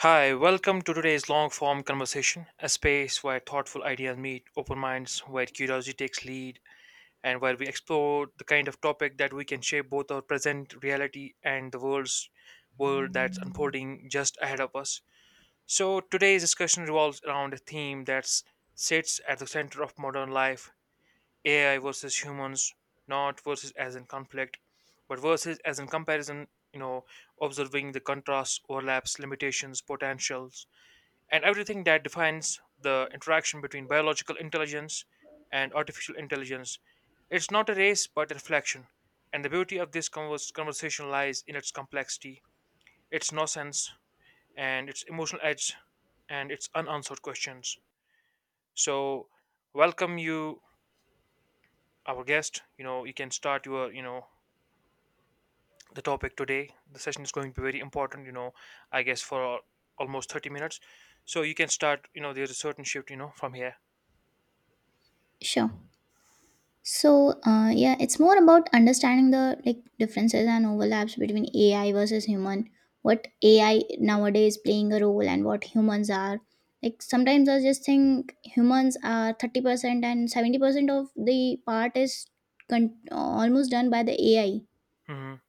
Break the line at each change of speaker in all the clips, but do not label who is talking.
Hi, welcome to today's long form conversation, a space where thoughtful ideas meet open minds, where curiosity takes lead, and where we explore the kind of topic that we can shape both our present reality and the world that's unfolding just ahead of us. So today's discussion revolves around a theme that sits at the center of modern life, AI versus humans. Not versus as in conflict, but versus as in comparison, you know, observing the contrasts, overlaps, limitations, potentials and everything that defines the interaction between biological intelligence and artificial intelligence. It's not a race, but a reflection. And the beauty of this conversation lies in its complexity, its nonsense, and its emotional edge, and its unanswered questions. So welcome you, our guest. You can start your, the topic today. The session is going to be very important, I guess for almost 30 minutes. So you can start, there's a certain shift, from here.
Sure. So, yeah, it's more about understanding the differences and overlaps between AI versus human. What AI nowadays playing a role and what humans are. Like sometimes I just think humans are 30% and 70% of the part is almost done by the AI.
Hmm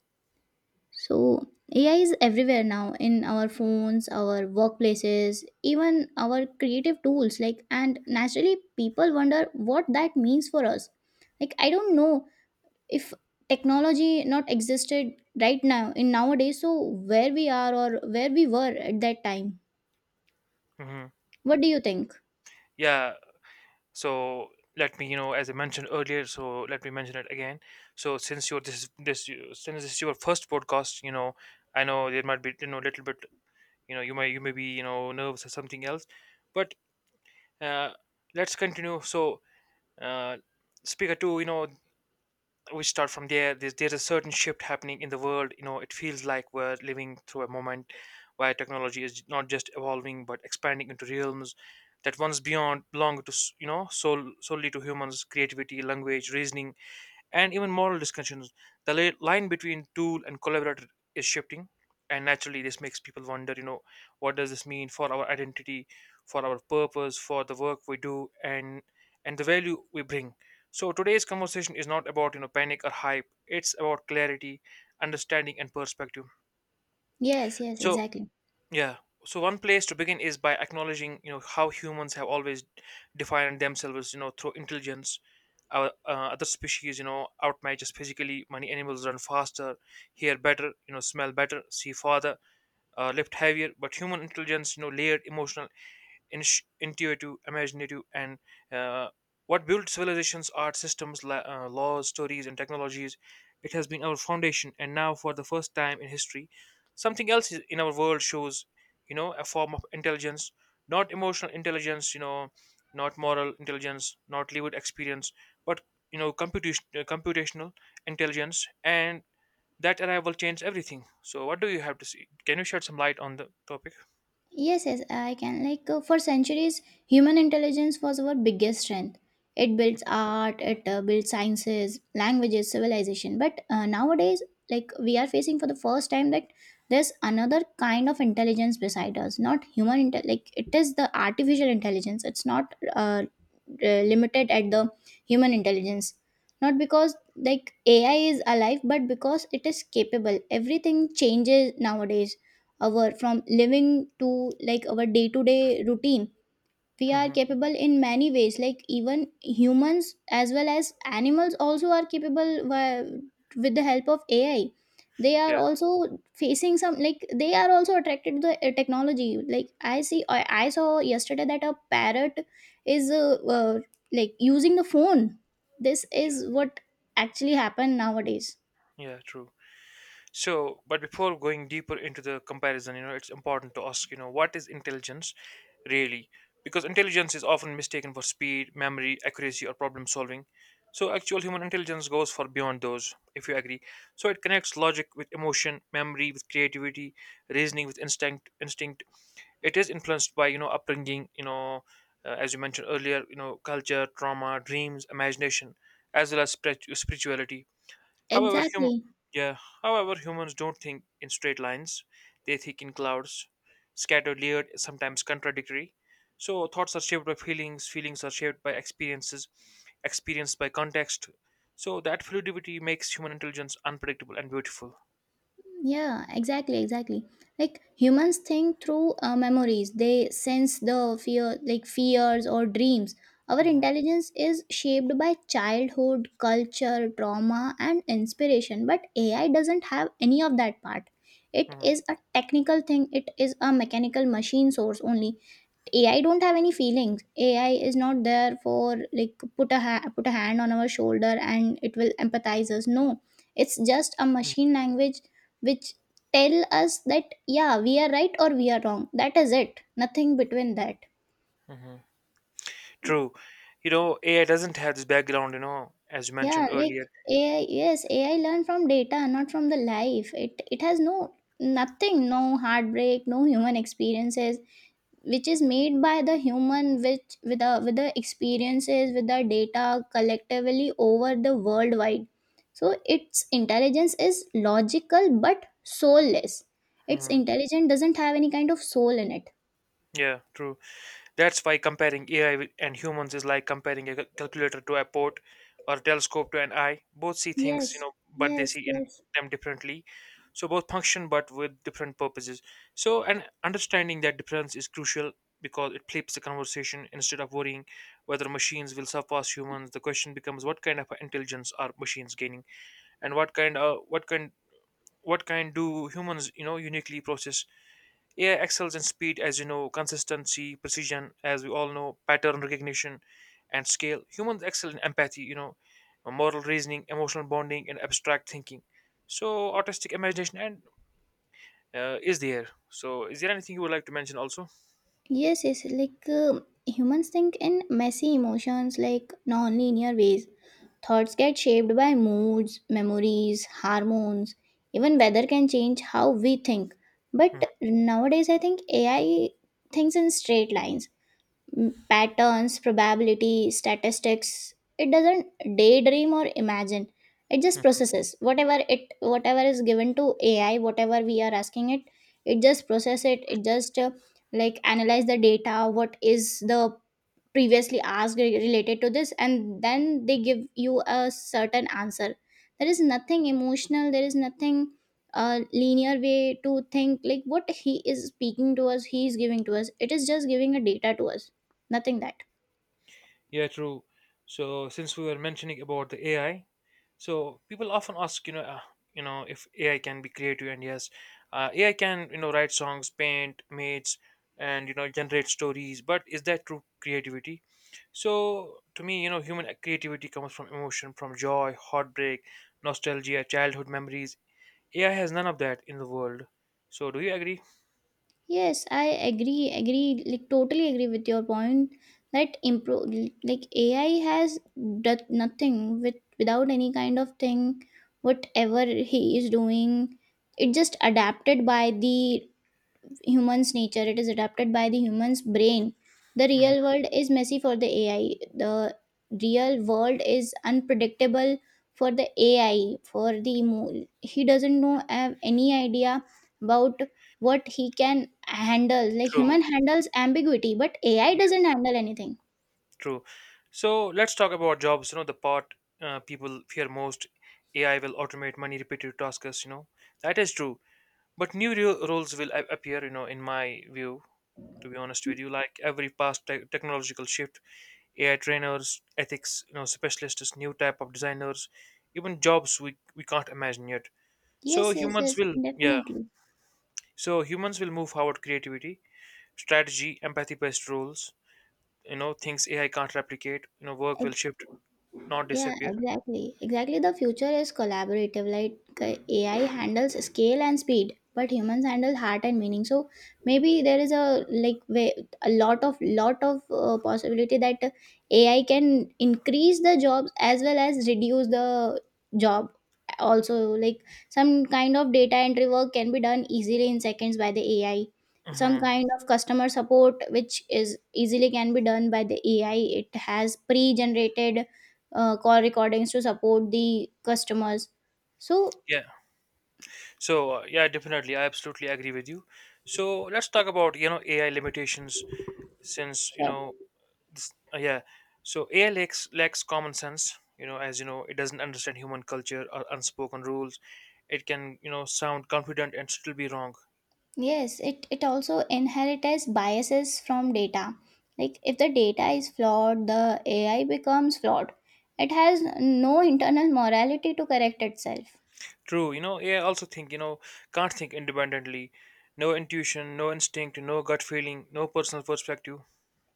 So, AI is everywhere now in our phones, our workplaces, even our creative tools. Like, and naturally, people wonder what that means for us. Like, I don't know if technology not existed right now in nowadays. So, where we are or where we were at that time.
hmm
What do you think?
Yeah, so let me, as I mentioned earlier, so let me mention it again. So since you're this is this you- since this is your first podcast, you know, I know there might be, a little bit, you may be, nervous or something else, but uh, let's continue. So uh, speaker two, we start from there. There's a certain shift happening in the world. You know, it feels like we're living through a moment where technology is not just evolving but expanding into realms that once beyond belonged to you know, solely to humans: creativity, language, reasoning, and even moral discussions. The line between tool and collaborator is shifting, and naturally, this makes people wonder, what does this mean for our identity, for our purpose, for the work we do, and the value we bring. So today's conversation is not about, panic or hype. It's about clarity, understanding, and perspective.
Yes, yes,
So
exactly.
yeah. So one place to begin is by acknowledging, how humans have always defined themselves, through intelligence. Our other species, outmatch us physically. Many animals run faster, hear better, smell better, see farther, lift heavier. But human intelligence, layered, emotional, intuitive, imaginative, and uh, what built civilizations are systems, laws, stories, and technologies. It has been our foundation, and now for the first time in history, something else in our world shows, a form of intelligence, not emotional intelligence, not moral intelligence, not lived experience, but, computation, computational intelligence, and that arrival changed everything. So what do you have to see? Can you shed some light on the topic?
Yes, yes, I can. Like, for centuries, human intelligence was our biggest strength. It builds art, it builds sciences, languages, civilization. But nowadays, like we are facing for the first time that there's another kind of intelligence beside us. Not human inte- like it is the artificial intelligence. It's not limited at the human intelligence. Not because like AI is alive, but because it is capable. Everything changes nowadays our from living to like our day to day routine we are
Hmm.
capable in many ways, like even humans as well as animals also are capable with the help of AI. They are
Yeah,
also facing some, like they are also attracted to the technology. Like I saw yesterday that a parrot is like using the phone. This
yeah,
is what actually happened nowadays.
yeah, true. So, but before going deeper into the comparison, it's important to ask, what is intelligence really? Because intelligence is often mistaken for speed, memory, accuracy, or problem solving. So actual human intelligence goes far beyond those, if you agree. So it connects logic with emotion, memory with creativity, reasoning with instinct. Instinct. It is influenced by, upbringing, as you mentioned earlier, culture, trauma, dreams, imagination, as well as spirituality. However, hum-
Exactly.
yeah, however, humans don't think in straight lines. They think in clouds, scattered, layered, sometimes contradictory. So thoughts are shaped by feelings, feelings are shaped by experiences, experience by context. So that fluidity makes human intelligence unpredictable and beautiful.
Yeah, exactly, exactly. Like humans think through memories. They sense the fear, like fears or dreams. Our
Hmm
intelligence is shaped by childhood, culture, trauma, and inspiration. But AI doesn't have any of that part. It
hmm
is a technical thing. It is a mechanical machine source only. AI don't have any feelings. AI is not there for like put a hand on our shoulder and it will empathize us. No, it's just a machine language which tell us that yeah we are right or we are wrong. That is it. Nothing between that.
True. You know, AI doesn't have this background, as you
Yeah,
mentioned earlier.
like AI. Yes, AI learn from data, not from the life. It has nothing, no heartbreak, no human experiences which is made by the human, which with the experiences with the data collectively over the worldwide. So its intelligence is logical but soulless. Its
Mhm.
intelligence doesn't have any kind of soul in it.
Yeah, true. That's why comparing AI and humans is like comparing a calculator to a port or a telescope to an eye. Both see things,
Yes,
but they
yes,
see in
yes.
them differently. So both function but with different purposes. So and understanding that difference is crucial because it flips the conversation. Instead of worrying whether machines will surpass humans, the question becomes: what kind of intelligence are machines gaining, and what kind of what kind do humans, uniquely process? AI excels in speed, as you know, consistency, precision, as we all know, pattern recognition, and scale. Humans excel in empathy, moral reasoning, emotional bonding, and abstract thinking. So artistic imagination and is there. So is there anything you would like to mention also?
Yes, yes, like, humans think in messy emotions, like non-linear ways. Thoughts get shaped by moods, memories, hormones, even weather can change how we think.
Mhm,
But nowadays, I think AI thinks in straight lines, patterns, probability, statistics. It doesn't daydream or imagine. It just
mhm.
processes whatever is given to AI, whatever we are asking it. It just process it. It just analyze the data. What is the previously asked related to this, and then they give you a certain answer. There is nothing emotional. There is nothing a linear way to think, like what he is speaking to us, he is giving to us, it is just giving a data to us. Nothing that.
Yeah, true. So since we were mentioning about the AI, so people often ask, you know, if AI can be creative, and yes, AI can, write songs, paint mates, and, generate stories, but is that true creativity? So to me, human creativity comes from emotion, from joy, heartbreak, nostalgia, childhood memories. AI has none of that in the world. So do you agree?
Yes, I agree, totally agree with your point that improve. Like AI has done nothing with without any kind of thing. Whatever he is doing, it just adapted by the humans nature. It is adapted by the humans brain. The
Hmm.
real world is messy for the AI. The real world is unpredictable for the AI. He doesn't know have any idea about what he can handle. Like
True.
human handles ambiguity, but AI
Yeah,
doesn't handle anything.
true. So let's talk about jobs, the part people fear most. AI will automate many repetitive tasks, you know. That is true, but new roles will appear, in my view, to be honest with you, like every past technological shift: AI trainers, ethics, specialists, new type of designers, even jobs we can't imagine yet. So
Yes, yes,
humans
yes,
will, yeah,
definitely.
so humans will move forward: creativity, strategy, empathy based roles, things AI can't replicate. You know, work will shift, not
Yeah,
disappear.
exactly. Exactly. The future is collaborative. Like, AI handles scale and speed, but humans handle heart and meaning. So maybe there is a way, a lot of possibility that AI can increase the jobs as well as reduce the job. Also, like some kind of data entry work can be done easily in seconds by the AI. Some
Hmm.
kind of customer support, which is easily can be done by the AI. It has pre-generated call recordings to support the customers. So
Yeah. So yeah, definitely, I absolutely agree with you. So let's talk about, AI limitations. Since you
sure.
know, yeah. So AI lacks common sense. You know, as you know, it doesn't understand human culture or unspoken rules. It can, sound confident and still be wrong.
Yes, it also inherits biases from data. Like if the data is flawed, the AI becomes flawed. It has no internal morality to correct itself.
True. You know, AI also think. You know, can't think independently. No intuition, no instinct, no gut feeling, no personal perspective.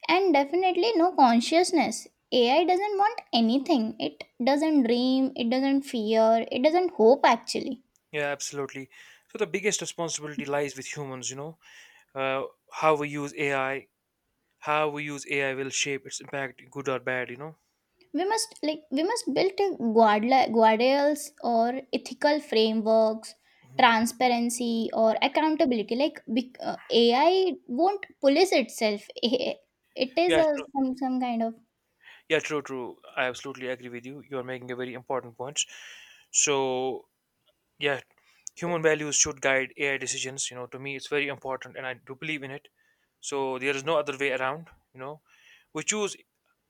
And definitely no consciousness. AI doesn't want anything. It doesn't dream, it doesn't fear, it doesn't hope actually.
Yeah, absolutely. So the biggest responsibility lies with humans. Uh, how we use AI will shape its impact, good or bad. You know.
We must, like we must build a guardrails or ethical frameworks,
Mhm.
transparency or accountability. Like AI won't police itself it is
Yeah.
a some kind of.
Yeah, true, true. I absolutely agree with you. You're making a very important point. So, yeah, human values should guide AI decisions. You know, to me, it's very important, and I do believe in it. So there is no other way around. You know, we choose,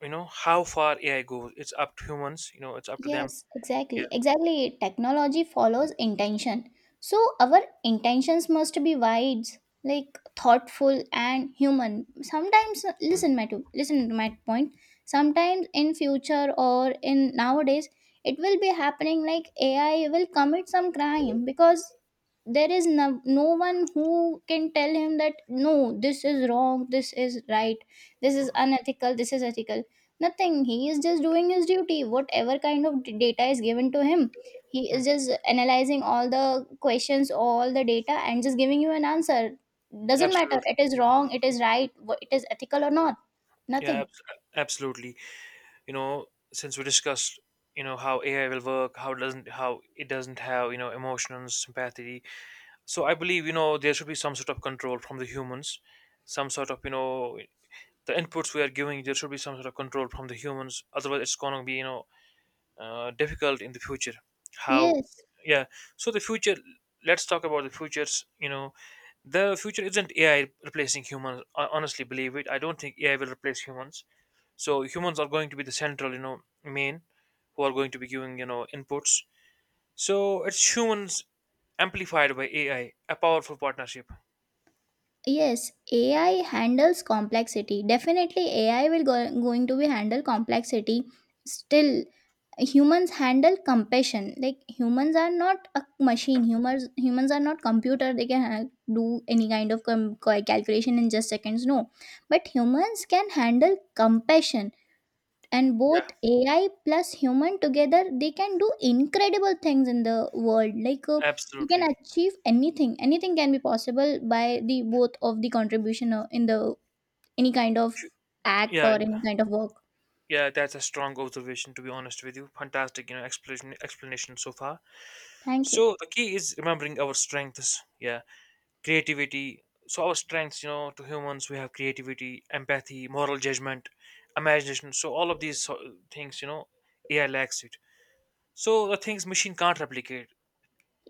How far AI goes. It's up to humans. You know, it's up to them.
Yes, exactly.
Yeah.
Exactly. Technology follows intention. So our intentions must be wide, like thoughtful and human. Sometimes listen to my point. Sometimes in future or in nowadays, it will be happening like AI will commit some crime because there is no one who can tell him that no this is wrong, this is right, this is unethical, this is ethical. Nothing. He is just doing his duty, whatever kind of data is given to him. He
Mm.
is just analyzing all the questions, all the data, and just giving you an answer. Doesn't matter
Absolutely.
it is wrong, it is right, it is ethical or not.
Yeah,
Nothing.
absolutely. You know, since we discussed, how AI will work, how it doesn't have, emotions, sympathy, so I believe, there should be some sort of control from the humans, some sort of, the inputs we are giving, there should be some sort of control from the humans. Otherwise, it's going to be, difficult in the future. How,
Yes,
yeah. So the future, let's talk about the futures. You know, the future isn't AI replacing humans. I honestly believe it. I don't think AI will replace humans. So humans are going to be the central, main, who are going to be giving, inputs. So it's humans amplified by AI, a powerful partnership.
yes. AI handles complexity. Definitely, going to be handle complexity. Still, humans handle compassion. Like humans are not a machine. Humans are not computer. They can do any kind of calculation in just seconds. No, but humans can handle compassion. And
Yeah,
both AI plus human together, they can do incredible things in the world. They can
absolutely.
achieve anything. Anything can be possible by the both of the contribution in the any kind of act
Yeah,
or
and
any kind of work.
yeah, that's a strong observation, to be honest with you. Fantastic, explanation so far.
Thank you.
So the key is remembering our strengths. Yeah, creativity. So our strengths, to humans, we have creativity, empathy, moral judgment, imagination. So all of these things, AI lacks it. So the things machine can't replicate.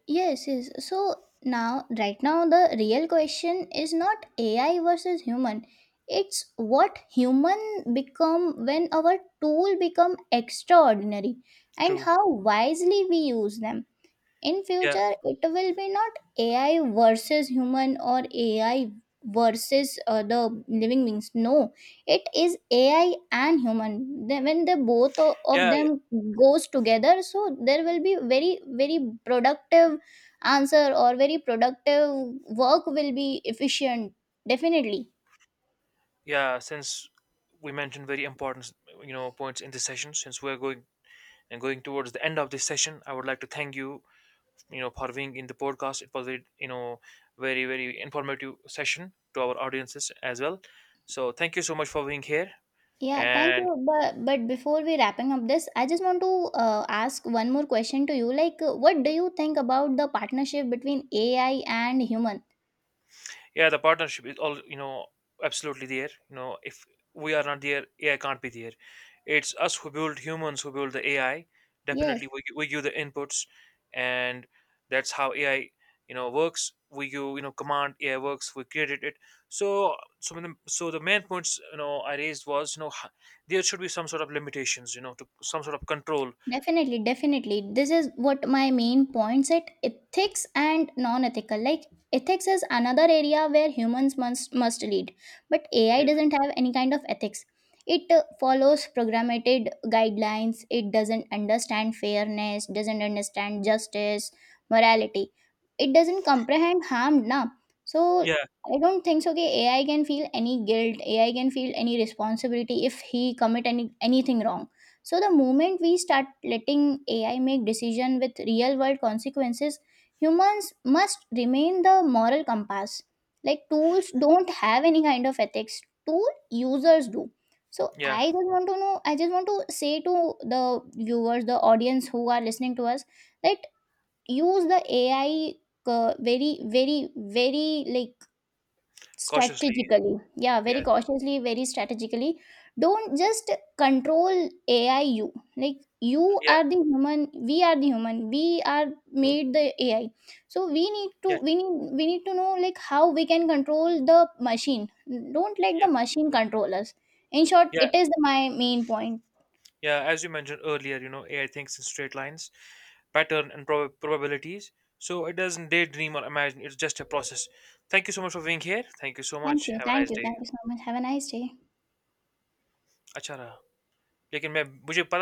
Yes, yes. So now, right now, the real question is not AI versus human. It's what human become when our tool become extraordinary and
True.
how wisely we use them. In
Yeah,
future it will be not AI versus human, or AI versus the living beings. No, it is AI and human. Then when the both of
yeah,
them goes together, so there will be very very productive answer, or very productive work will be efficient, definitely.
yeah. Since we mentioned very important, points in this session, since we're going and going towards the end of this session, I would like to thank you, you know for being in the podcast. It was a, very, very informative session to our audiences as well. So thank you so much for being here.
Yeah, thank
And
you. But before we wrapping up this, I just want to ask one more question to you. Like, what do you think about the partnership between AI and human?
yeah, the partnership is all, you know, absolutely there. You know, if we are not there, AI can't be there. It's us who build, humans who build the AI. Definitely
Yes.
we, we give the inputs, and that's how AI, works. We give, command, AI works. We created it. So some of the, so the main points, I raised was, there should be some sort of limitations, to some sort of control.
Definitely, definitely. This is what my main points at ethics and non-ethical. Like ethics is another area where humans must lead, but AI
Yeah,
doesn't have any kind of ethics. It follows programmated guidelines. It doesn't understand fairness, doesn't understand justice, morality. It doesn't comprehend harm, na. So
yeah,
I don't think so. Okay, AI can feel any guilt. AI can feel any responsibility if he commit any anything wrong. So the moment we start letting AI make decision with real world consequences, humans must remain the moral compass. Like tools don't have any kind of ethics. Tool users do. So
yeah.
I just want to know, I just want to say to the viewers, the audience who are listening to us, that use the AI very, very, very,
Cautiously.
strategically. Yeah, very
Yeah,
cautiously, very strategically. Don't just control AI. You, like you
yeah,
are the human, we are the human, we are made the AI. So
yeah,
we need to know like how we can control the machine. Don't let the
yeah,
machine control us. In short,
yeah.
it is my main point.
Yeah, as you mentioned earlier, AI thinks in straight lines, pattern, and probabilities. So it doesn't daydream or imagine. It's just a process. Thank you so much for being here. Thank you so
Thank
much.
you,
Have a nice day.
thank you so much, have a nice day.
अच्छा रहा लेकिन मैं मुझे पता